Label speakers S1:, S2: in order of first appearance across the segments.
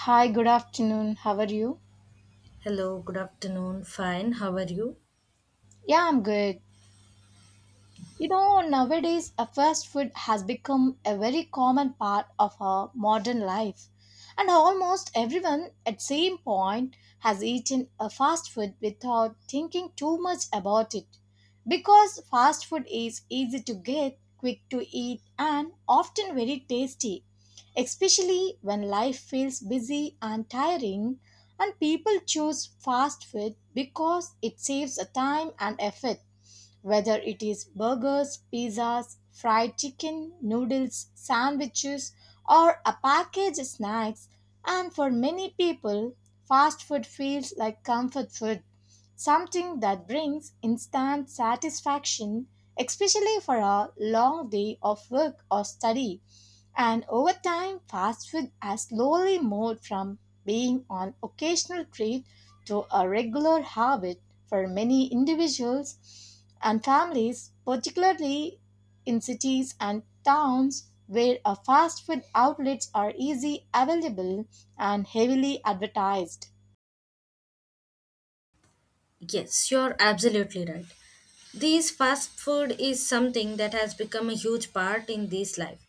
S1: Hi, good afternoon. How are you?
S2: Hello, good afternoon. Fine, how are you?
S1: Yeah, I'm good. You know, nowadays, a fast food has become a very common part of our modern life, and almost everyone at same point has eaten a fast food without thinking too much about it. Because fast food is easy to get, quick to eat, and often very tasty, especially when life feels busy and tiring, and people choose fast food because it saves a time and effort whether it is burgers, pizzas, fried chicken, noodles, sandwiches, or a packaged snacks, and for many people, fast food feels like comfort food something that brings instant satisfaction, especially for a long day of work or study. And over time, fast food has slowly moved from being an occasional treat to a regular habit for many individuals and families, particularly in cities and towns where a fast food outlets are easy available and heavily advertised.
S2: Yes, you're absolutely right. This fast food is something that has become a huge part in this life.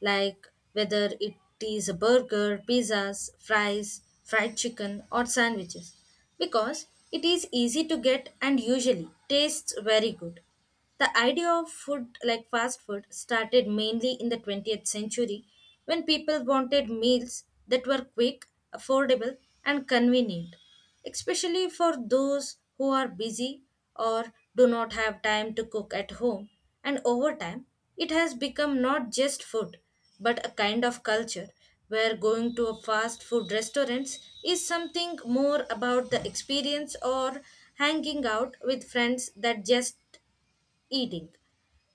S2: Like whether it is a burger, pizzas, fries, fried chicken, or sandwiches. Because it is easy to get and usually tastes very good. The idea of food like fast food started mainly in the 20th century when people wanted meals that were quick, affordable, and convenient, especially for those who are busy or do not have time to cook at home. And over time, it has become not just food but a kind of culture where going to a fast food restaurants is something more about the experience or hanging out with friends that just eating,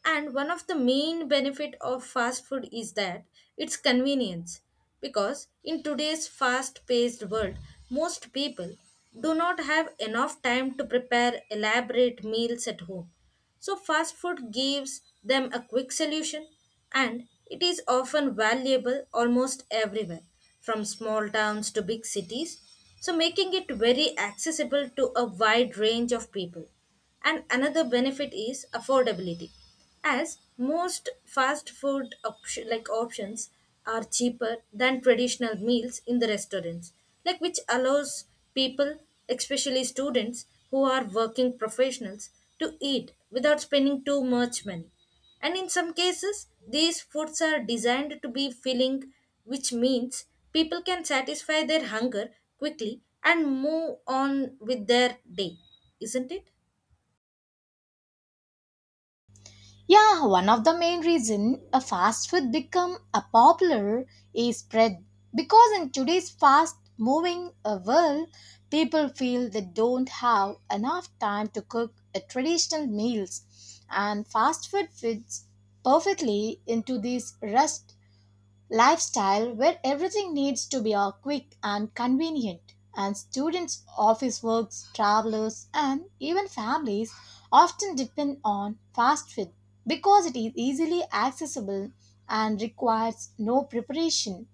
S2: and one of the main benefit of fast food is that its convenience, because in today's fast paced world most people do not have enough time to prepare elaborate meals at home, so fast food gives them a quick solution, and it is often valuable almost everywhere from small towns to big cities, so making it very accessible to a wide range of people. And another benefit is affordability, as most fast food options are cheaper than traditional meals in the restaurants, like which allows people, especially students who are working professionals, to eat without spending too much money. And in some cases, these foods are designed to be filling, which means people can satisfy their hunger quickly and move on with their day, isn't it?
S1: Yeah, one of the main reason a fast food become a popular is spread because in today's fast moving world, people feel they don't have enough time to cook traditional meals and fast food fits perfectly into this rush lifestyle where everything needs to be quick and convenient and students office works travelers and even families often depend on fast food because it is easily accessible and requires no preparation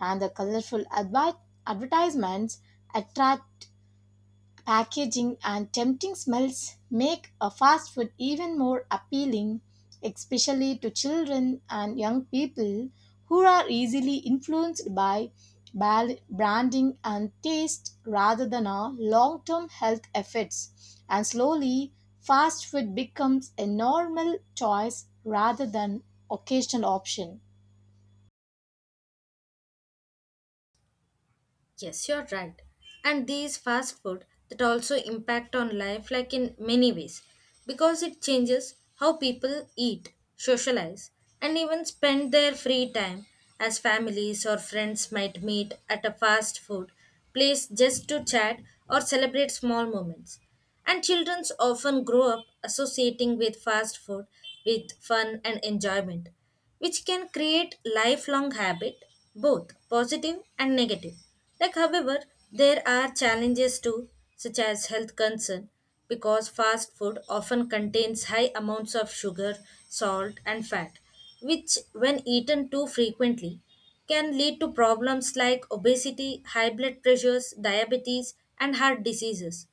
S1: and the advertisements attract. Packaging and tempting smells make a fast food even more appealing, especially to children and young people who are easily influenced by branding and taste rather than our long term health effects. And slowly, fast food becomes a normal choice rather than occasional option.
S2: Yes, you're right. And these fast food that also impact on life like in many ways, because it changes how people eat, socialize and even spend their free time, as families or friends might meet at a fast food place just to chat or celebrate small moments. And children often grow up associating with fast food with fun and enjoyment, which can create lifelong habit, both positive and negative. Like however, there are challenges too, such as health concern, because fast food often contains high amounts of sugar, salt, and fat, which when eaten too frequently can lead to problems like obesity, high blood pressures, diabetes, and heart diseases.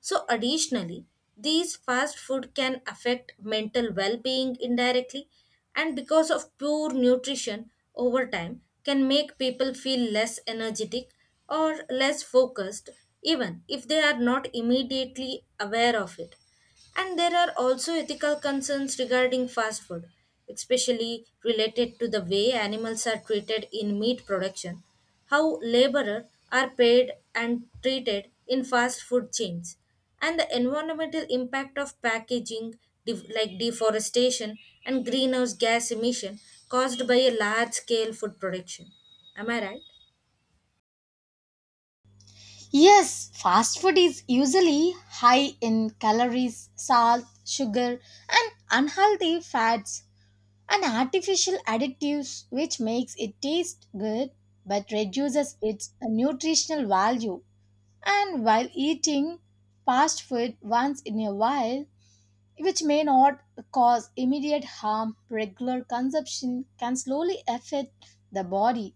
S2: So, additionally, these fast food can affect mental well being indirectly, and because of poor nutrition over time, can make people feel less energetic or less focused, even if they are not immediately aware of it. And there are also ethical concerns regarding fast food, especially related to the way animals are treated in meat production, how laborers are paid and treated in fast food chains, and the environmental impact of packaging, deforestation and greenhouse gas emission caused by a large scale food production. Am I right?
S1: Yes, fast food is usually high in calories, salt, sugar, and unhealthy fats and artificial additives, which makes it taste good but reduces its nutritional value. And while eating fast food once in a while, which may not cause immediate harm, regular consumption can slowly affect the body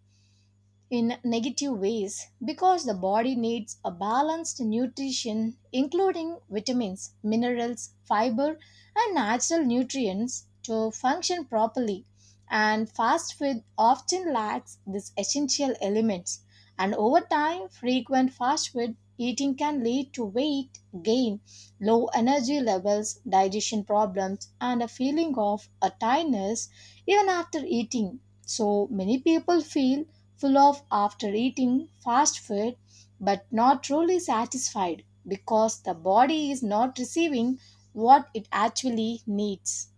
S1: in negative ways because the body needs a balanced nutrition including vitamins, minerals, fiber and natural nutrients to function properly and fast food often lacks these essential elements and over time frequent fast food eating can lead to weight gain low energy levels digestion problems and a feeling of a tiredness even after eating so many people feel full of after eating fast food but not truly satisfied because the body is not receiving what it actually needs.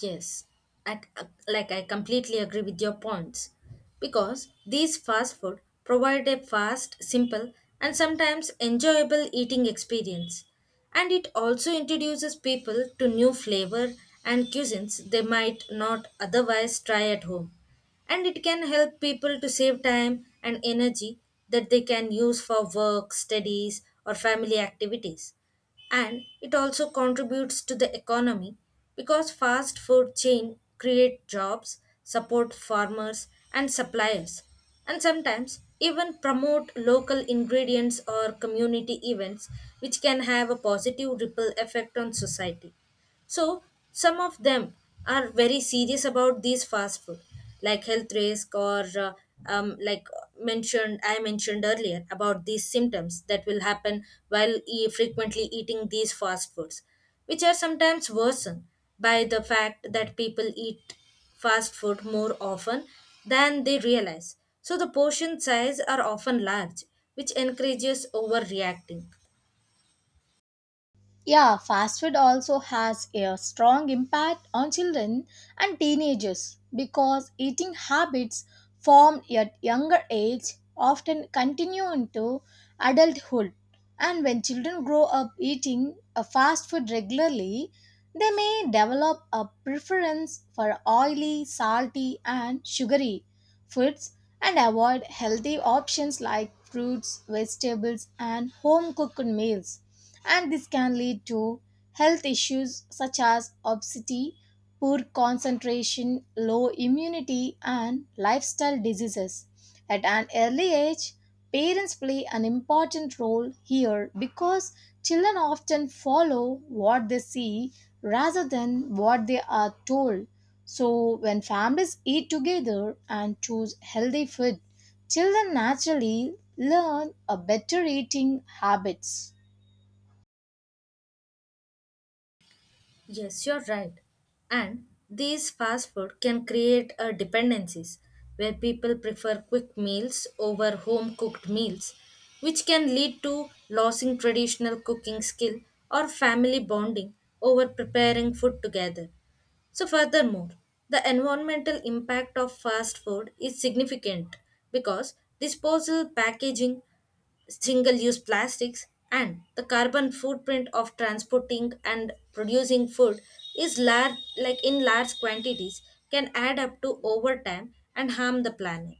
S2: Yes, I completely agree with your points, because these fast food provide a fast, simple, and sometimes enjoyable eating experience. And it also introduces people to new flavor and cuisines they might not otherwise try at home. And it can help people to save time and energy that they can use for work, studies, or family activities, and it also contributes to the economy, because fast food chain create jobs, support farmers and suppliers, and sometimes even promote local ingredients or community events, which can have a positive ripple effect on society. So some of them are very serious about these fast food, like health risk, or like mentioned I mentioned earlier about these symptoms that will happen while frequently eating these fast foods, which are sometimes worsened by the fact that people eat fast food more often than they realize. So the portion size are often large, which encourages overreacting.
S1: Yeah, fast food also has a strong impact on children and teenagers because eating habits formed at younger age often continue into adulthood. And when children grow up eating a fast food regularly, they may develop a preference for oily, salty, and sugary foods and avoid healthy options like fruits, vegetables, and home cooked meals and this can lead to health issues such as obesity, poor concentration, low immunity, and lifestyle diseases. At an early age, parents play an important role here because children often follow what they see rather than what they are told. So, when families eat together and choose healthy food, children naturally learn a better eating habits.
S2: Yes, you're right. And these fast food can create a dependencies where people prefer quick meals over home cooked meals, which can lead to losing traditional cooking skill or family bonding over preparing food together. So, furthermore, the environmental impact of fast food is significant, because disposal packaging, single use plastics, and the carbon footprint of transporting and producing food is large, like in large quantities, can add up to over time and harm the planet.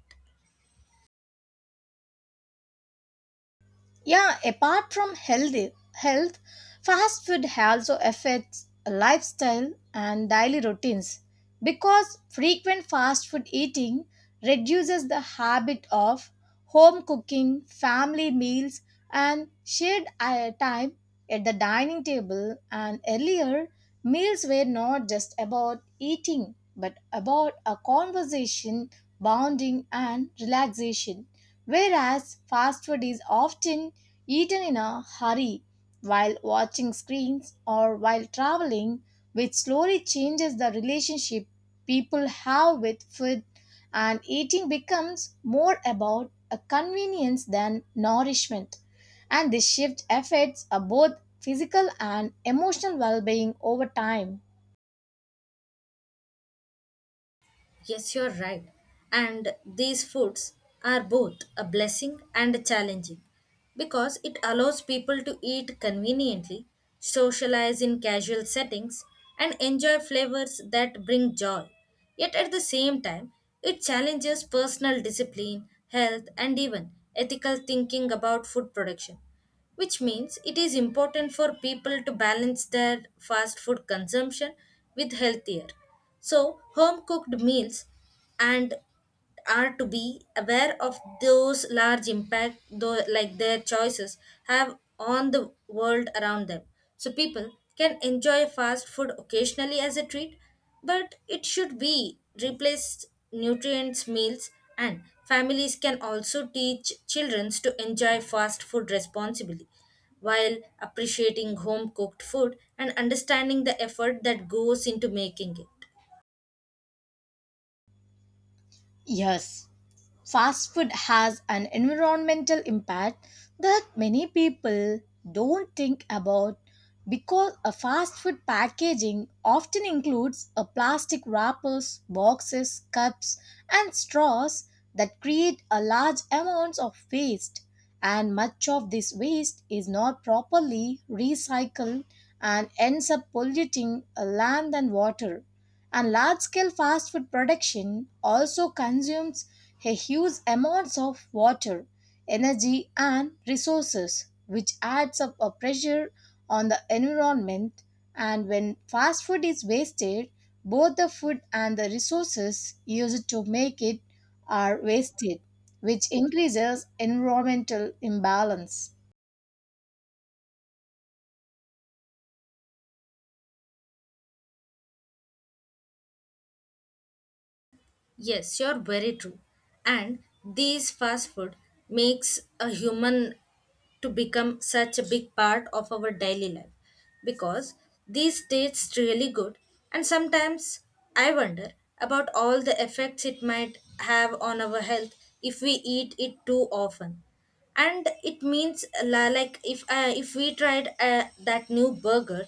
S1: Yeah, apart from healthy health, fast food also affects lifestyle and daily routines because frequent fast food eating reduces the habit of home cooking, family meals, and shared time at the dining table. And earlier, meals were not just about eating but about a conversation, bonding, and relaxation whereas fast food is often eaten in a hurry while watching screens or while traveling, which slowly changes the relationship people have with food, and eating becomes more about a convenience than nourishment. And this shift affects both physical and emotional well being over time.
S2: Yes, you're right. And these foods are both a blessing and a challenging, because it allows people to eat conveniently, socialize in casual settings, and enjoy flavors that bring joy. Yet at the same time, it challenges personal discipline, health, and even ethical thinking about food production, which means it is important for people to balance their fast food consumption with healthier. So, home cooked meals and are to be aware of those large impact though like their choices have on the world around them, so people can enjoy fast food occasionally as a treat, but it should be replaced nutrients meals, and families can also teach children to enjoy fast food responsibly while appreciating home cooked food and understanding the effort that goes into making it.
S1: Yes, fast food has an environmental impact that many people don't think about because a fast food packaging often includes a plastic wrappers boxes cups and straws that create a large amounts of waste and much of this waste is not properly recycled and ends up polluting land and water and large scale fast food production also consumes a huge amounts of water, energy, and resources, which adds up a pressure on the environment. And when fast food is wasted, both the food and the resources used to make it are wasted, which increases environmental imbalance.
S2: Yes, you're very true. And these fast food makes a human to become such a big part of our daily life, because these tastes really good, and sometimes I wonder about all the effects it might have on our health if we eat it too often. And it means, like if we tried that new burger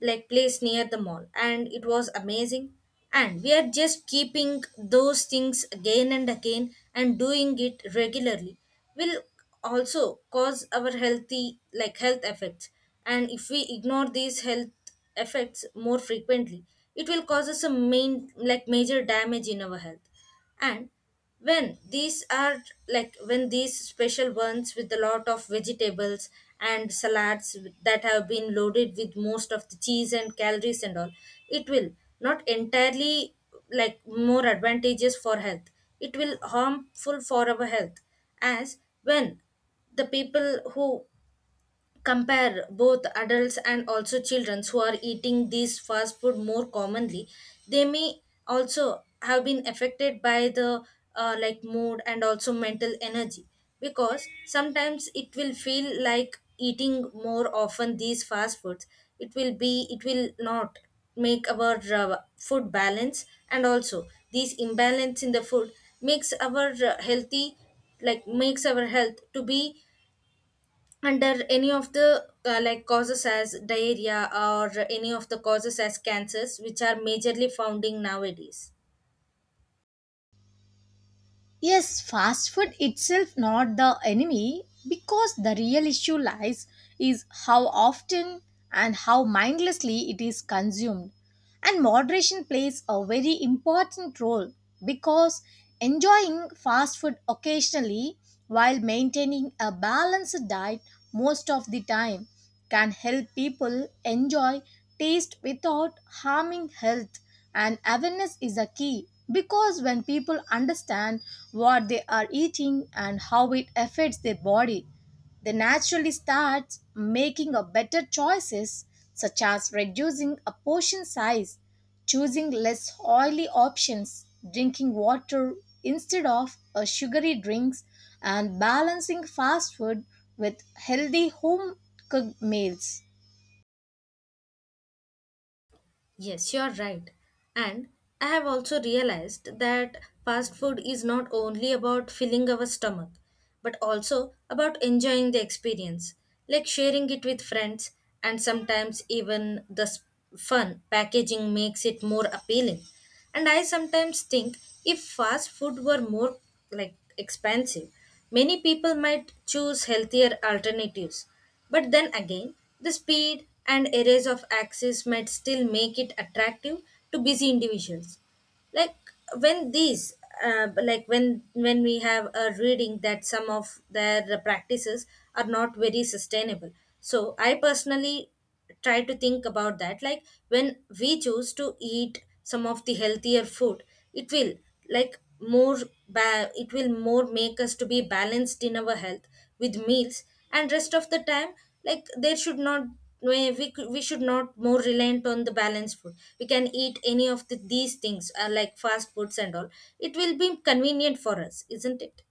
S2: like place near the mall, and it was amazing, and we are just keeping those things again and again, and doing it regularly will also cause our healthy like health effects. And if we ignore these health effects more frequently, it will cause us a main like major damage in our health. And when these are, like when these special ones with a lot of vegetables and salads that have been loaded with most of the cheese and calories and all, it will not entirely like more advantageous for health, it will harmful for our health, as when the people who compare both adults and also children who are eating these fast food more commonly, they may also have been affected by the like mood and also mental energy, because sometimes it will feel like eating more often these fast foods, it will not make our food balance. And also these imbalance in the food makes our healthy like makes our health to be under any of the like causes as diarrhea or any of the causes as cancers, which are majorly founding nowadays.
S1: Yes, fast food itself not the enemy because the real issue lies is how often and how mindlessly it is consumed. And moderation plays a very important role because enjoying fast food occasionally while maintaining a balanced diet most of the time can help people enjoy taste without harming health and awareness is a key because when people understand what they are eating and how it affects their body, they naturally start making a better choices such as reducing a portion size, choosing less oily options, drinking water instead of a sugary drinks and balancing fast food with healthy home cooked meals.
S2: Yes, you are right. And I have also realized that fast food is not only about filling our stomach, but also about enjoying the experience, like sharing it with friends, and sometimes even the fun packaging makes it more appealing. And I sometimes think if fast food were more like expensive, many people might choose healthier alternatives, but then again, the speed and areas of access might still make it attractive to busy individuals, like when these like when we have a reading that some of their practices are not very sustainable. So I personally try to think about that, like when we choose to eat some of the healthier food, it will like more it will more make us to be balanced in our health with meals. And rest of the time, like there should not, we should not more reliant on the balanced food, we can eat any of the, these things like fast foods and all, it will be convenient for us, isn't it?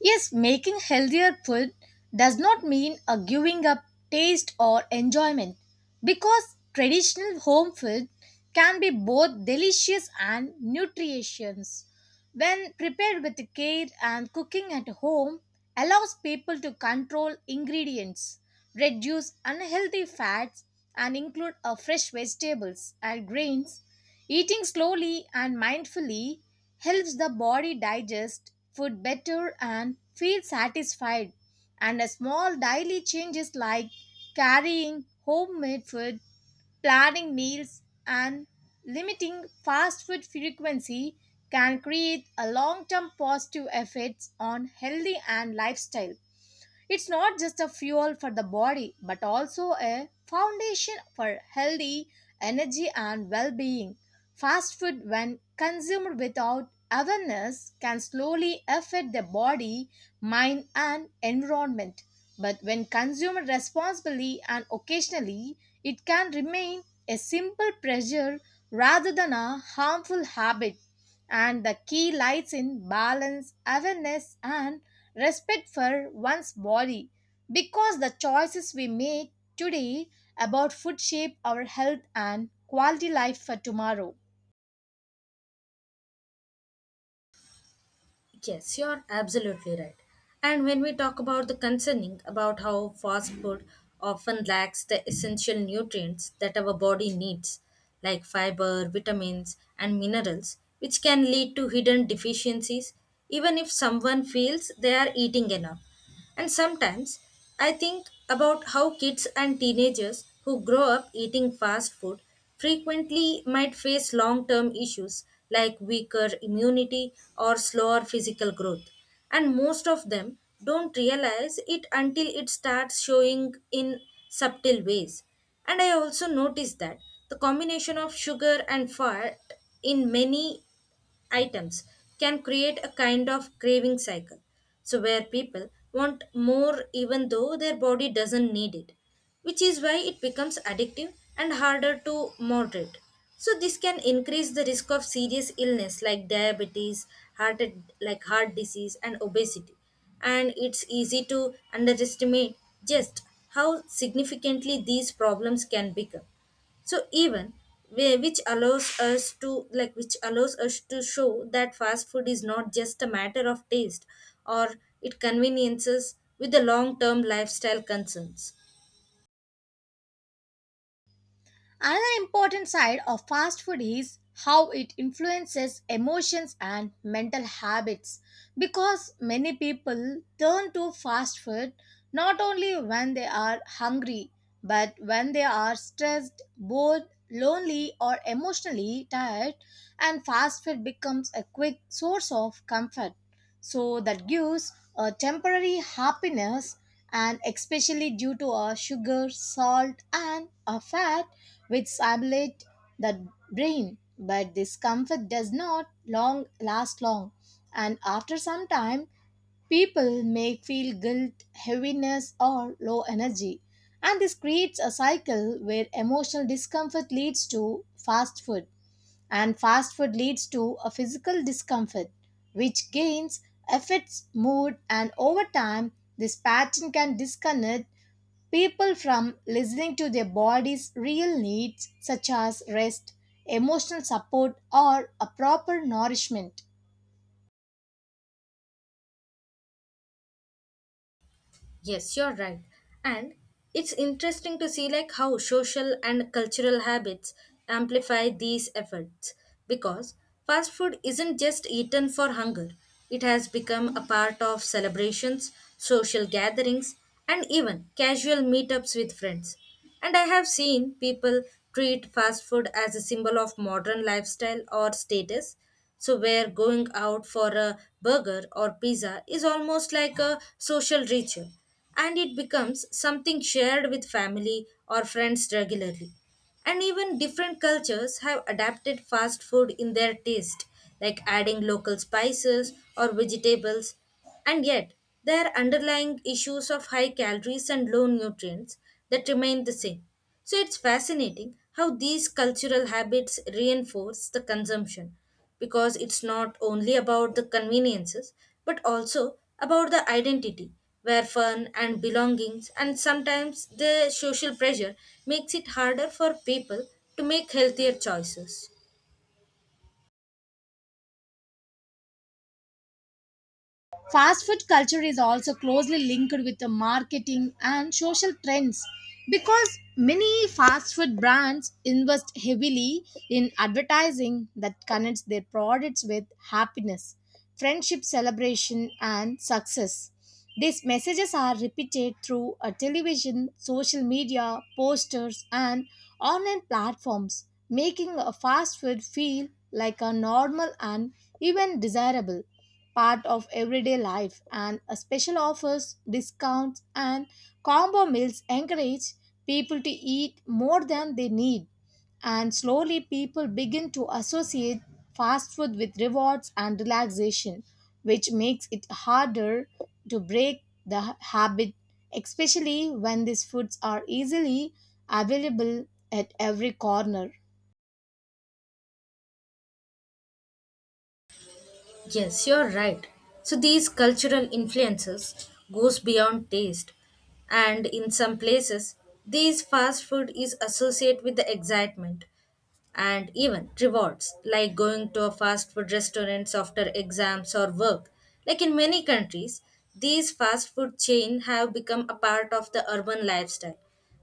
S1: Yes, making healthier food does not mean a giving up taste or enjoyment because traditional home food can be both delicious and nutritious. When prepared with care and cooking at home allows people to control ingredients, reduce unhealthy fats and include a fresh vegetables and grains. Eating slowly and mindfully helps the body digest food better and feel satisfied. And a small daily changes like carrying homemade food, planning meals, and limiting fast food frequency can create a long-term positive effects on healthy and lifestyle. It's not just a fuel for the body, but also a foundation for healthy energy and well being. Fast food, when consumed without awareness, can slowly affect the body, mind, and environment. But when consumed responsibly and occasionally, it can remain a simple pleasure rather than a harmful habit. And the key lies in balance, awareness, and respect for one's body because the choices we make today about food shape our health and quality life for tomorrow.
S2: Yes, you're absolutely right. And when we talk about the concerning about how fast food often lacks the essential nutrients that our body needs, like fiber, vitamins, and minerals, which can lead to hidden deficiencies even if someone feels they are eating enough. And sometimes I think about how kids and teenagers who grow up eating fast food frequently might face long term issues like weaker immunity or slower physical growth. And most of them don't realize it until it starts showing in subtle ways. And I also noticed that the combination of sugar and fat in many items can create a kind of craving cycle. So, where people want more even though their body doesn't need it, which is why it becomes addictive and harder to moderate. So, this can increase the risk of serious illness like diabetes, heart, heart disease, and obesity. And it's easy to underestimate just how significantly these problems can become, so even which allows us to like which allows us to show that fast food is not just a matter of taste, or it conveniences with the long term lifestyle concerns.
S1: Another important side of fast food is how it influences emotions and mental habits because many people turn to fast food not only when they are hungry but when they are stressed, bored, lonely, or emotionally tired, and fast food becomes a quick source of comfort. So that gives a temporary happiness and especially due to our sugar, salt, and a fat which stimulate the brain but this comfort does not long last long and after some time people may feel guilt heaviness or low energy and this creates a cycle where emotional discomfort leads to fast food and fast food leads to a physical discomfort which gains affects mood and over time this pattern can disconnect people from listening to their body's real needs, such as rest, emotional support, or a proper nourishment.
S2: Yes, you're right. And it's interesting to see like how social and cultural habits amplify these efforts, because fast food isn't just eaten for hunger. It has become a part of celebrations, social gatherings, and even casual meetups with friends. And I have seen people treat fast food as a symbol of modern lifestyle or status, so, where going out for a burger or pizza is almost like a social ritual, and it becomes something shared with family or friends regularly. And even different cultures have adapted fast food in their taste, like adding local spices or vegetables and yet, there are underlying issues of high calories and low nutrients that remain the same. So it's fascinating how these cultural habits reinforce the consumption because it's not only about the conveniences but also about the identity where fun and belongings and sometimes the social pressure makes it harder for people to make healthier choices.
S1: Fast food culture is also closely linked with the marketing and social trends because many fast food brands invest heavily in advertising that connects their products with happiness, friendship celebration, and success. These messages are repeated through a television, social media, posters, and online platforms, making a fast food feel like a normal and even desirable part of everyday life and a special offers, discounts and combo meals encourage people to eat more than they need and slowly people begin to associate fast food with rewards and relaxation which makes it harder to break the habit especially when these foods are easily available at every corner.
S2: Yes, you're right. So these cultural influences goes beyond taste and in some places these fast food is associated with the excitement and even rewards like going to a fast food restaurants after exams or work, like in many countries these fast food chains have become a part of the urban lifestyle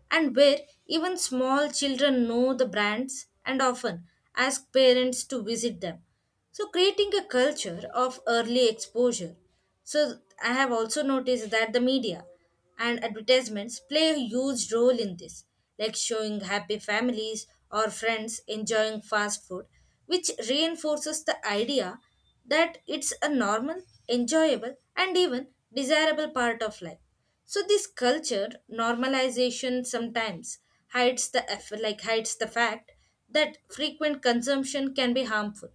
S2: and where even small children know the brands and often ask parents to visit them, so creating a culture of early exposure. So I have also noticed that the media and advertisements play a huge role in this, like showing happy families or friends enjoying fast food, which reinforces the idea that it's a normal, enjoyable, and even desirable part of life. So this culture normalization sometimes hides the fact that frequent consumption can be harmful,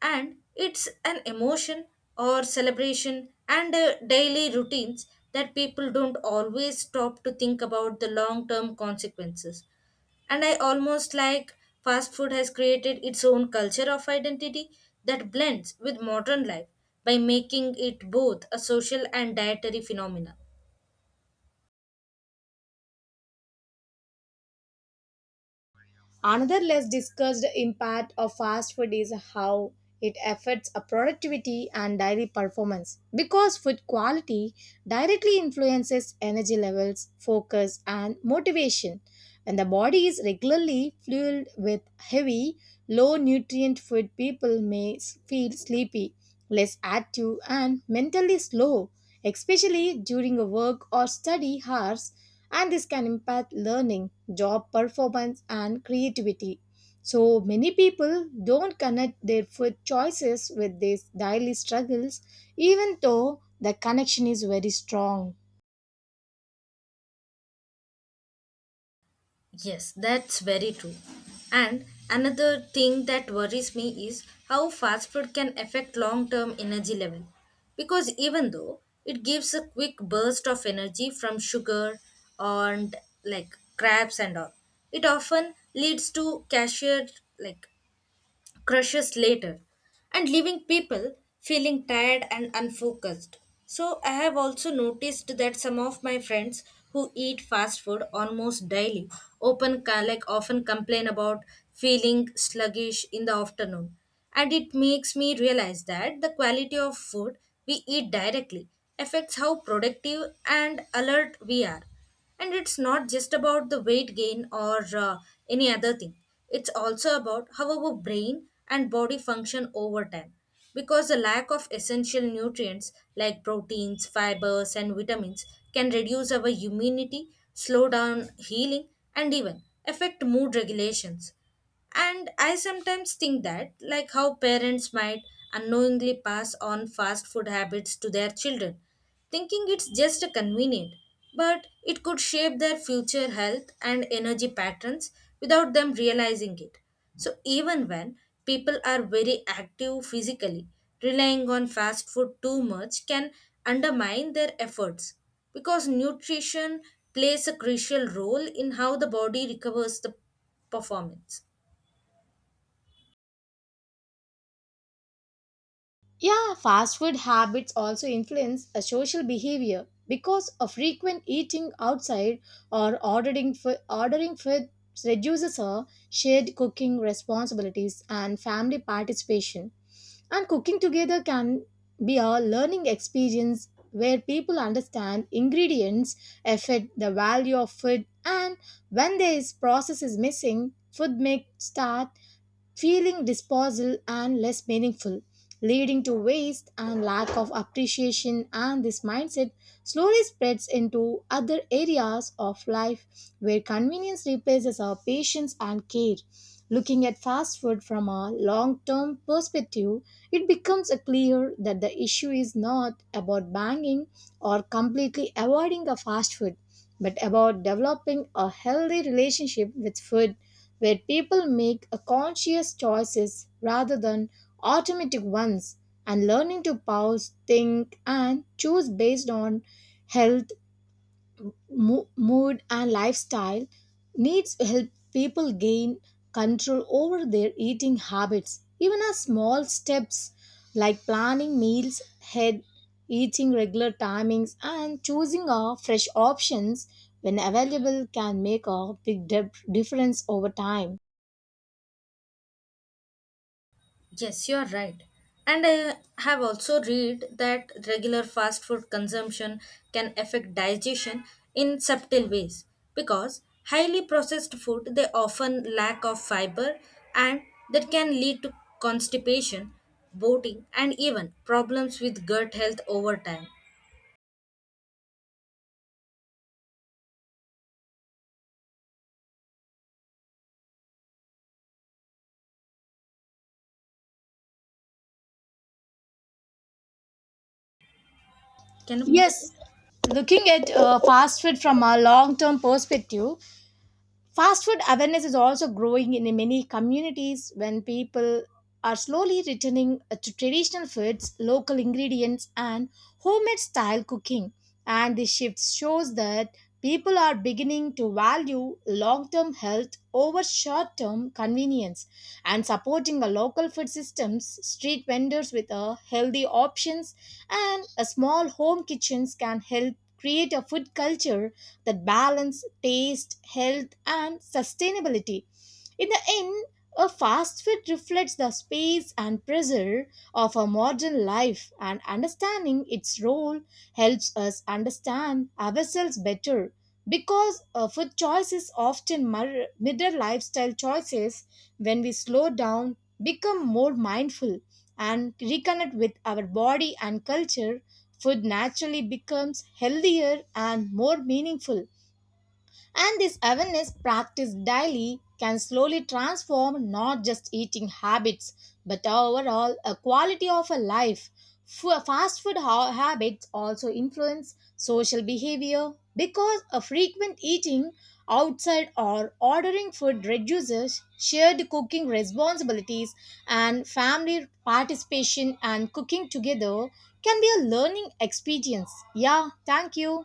S2: and it's an emotion or celebration and daily routines that people don't always stop to think about the long term consequences, and I almost like fast food has created its own culture of identity that blends with modern life by making it both a social and dietary phenomena.
S1: Another less discussed impact of fast food is how it affects a productivity and daily performance because food quality directly influences energy levels, focus, and motivation. When the body is regularly fueled with heavy, low nutrient food, people may feel sleepy less active, and mentally slow, especially during a work or study hours, and this can impact learning, job performance, and creativity. So many people don't connect their food choices with these daily struggles, even though the connection is very strong.
S2: Yes, that's very true. And another thing that worries me is how fast food can affect long term energy level. Because even though it gives a quick burst of energy from sugar and like crabs and all, it often leads to cashier like crushes later and leaving people feeling tired and unfocused. So, I have also noticed that some of my friends who eat fast food almost daily open like often complain about feeling sluggish in the afternoon, and it makes me realize that the quality of food we eat directly affects how productive and alert we are, and it's not just about the weight gain or any other thing. It's also about how our brain and body function over time. Because the lack of essential nutrients like proteins, fibers, and vitamins can reduce our immunity, slow down healing, and even affect mood regulations. And I sometimes think that, like how parents might unknowingly pass on fast food habits to their children, thinking it's just a convenient, but it could shape their future health and energy patterns without them realizing it. So, even when people are very active physically, relying on fast food too much can undermine their efforts because nutrition plays a crucial role in how the body recovers the performance.
S1: Yeah, fast food habits also influence a social behavior because a frequent eating outside or ordering food reduces our shared cooking responsibilities and family participation. And cooking together can be a learning experience where people understand ingredients, effort, the value of food, and when this process is missing, food may start feeling disposal and less meaningful, leading to waste and lack of appreciation. And this mindset slowly spreads into other areas of life where convenience replaces our patience and care. Looking at fast food from a long term perspective, it becomes clear that the issue is not about banging or completely avoiding a fast food, but about developing a healthy relationship with food where people make a conscious choices rather than automatic ones and learning to pause think and choose based on health mood and lifestyle needs help people gain control over their eating habits even as small steps like planning meals ahead eating regular timings and choosing a fresh options when available can make a difference over time.
S2: Yes, you are right. And I have also read that regular fast food consumption can affect digestion in subtle ways because highly processed food they often lack of fiber and that can lead to constipation, bloating and even problems with gut health over time. Can you proceed?
S1: Yes, looking at fast food from a long term perspective, fast food awareness is also growing in many communities when people are slowly returning to traditional foods, local ingredients, and homemade style cooking. And this shift shows that people are beginning to value long term health over short term convenience and supporting the local food systems, street vendors with a healthy options, and a small home kitchens can help create a food culture that balance taste, health, and sustainability. In the end, a fast food reflects the space and pressure of our modern life, and understanding its role helps us understand ourselves better. Because food choices often mirror lifestyle choices, when we slow down, become more mindful, and reconnect with our body and culture, food naturally becomes healthier and more meaningful. And this awareness practiced daily can slowly transform not just eating habits but overall a quality of a life. Fast food habits also influence social behavior because a frequent eating outside or ordering food reduces shared cooking responsibilities and family participation and cooking together can be a learning experience. Yeah, thank you.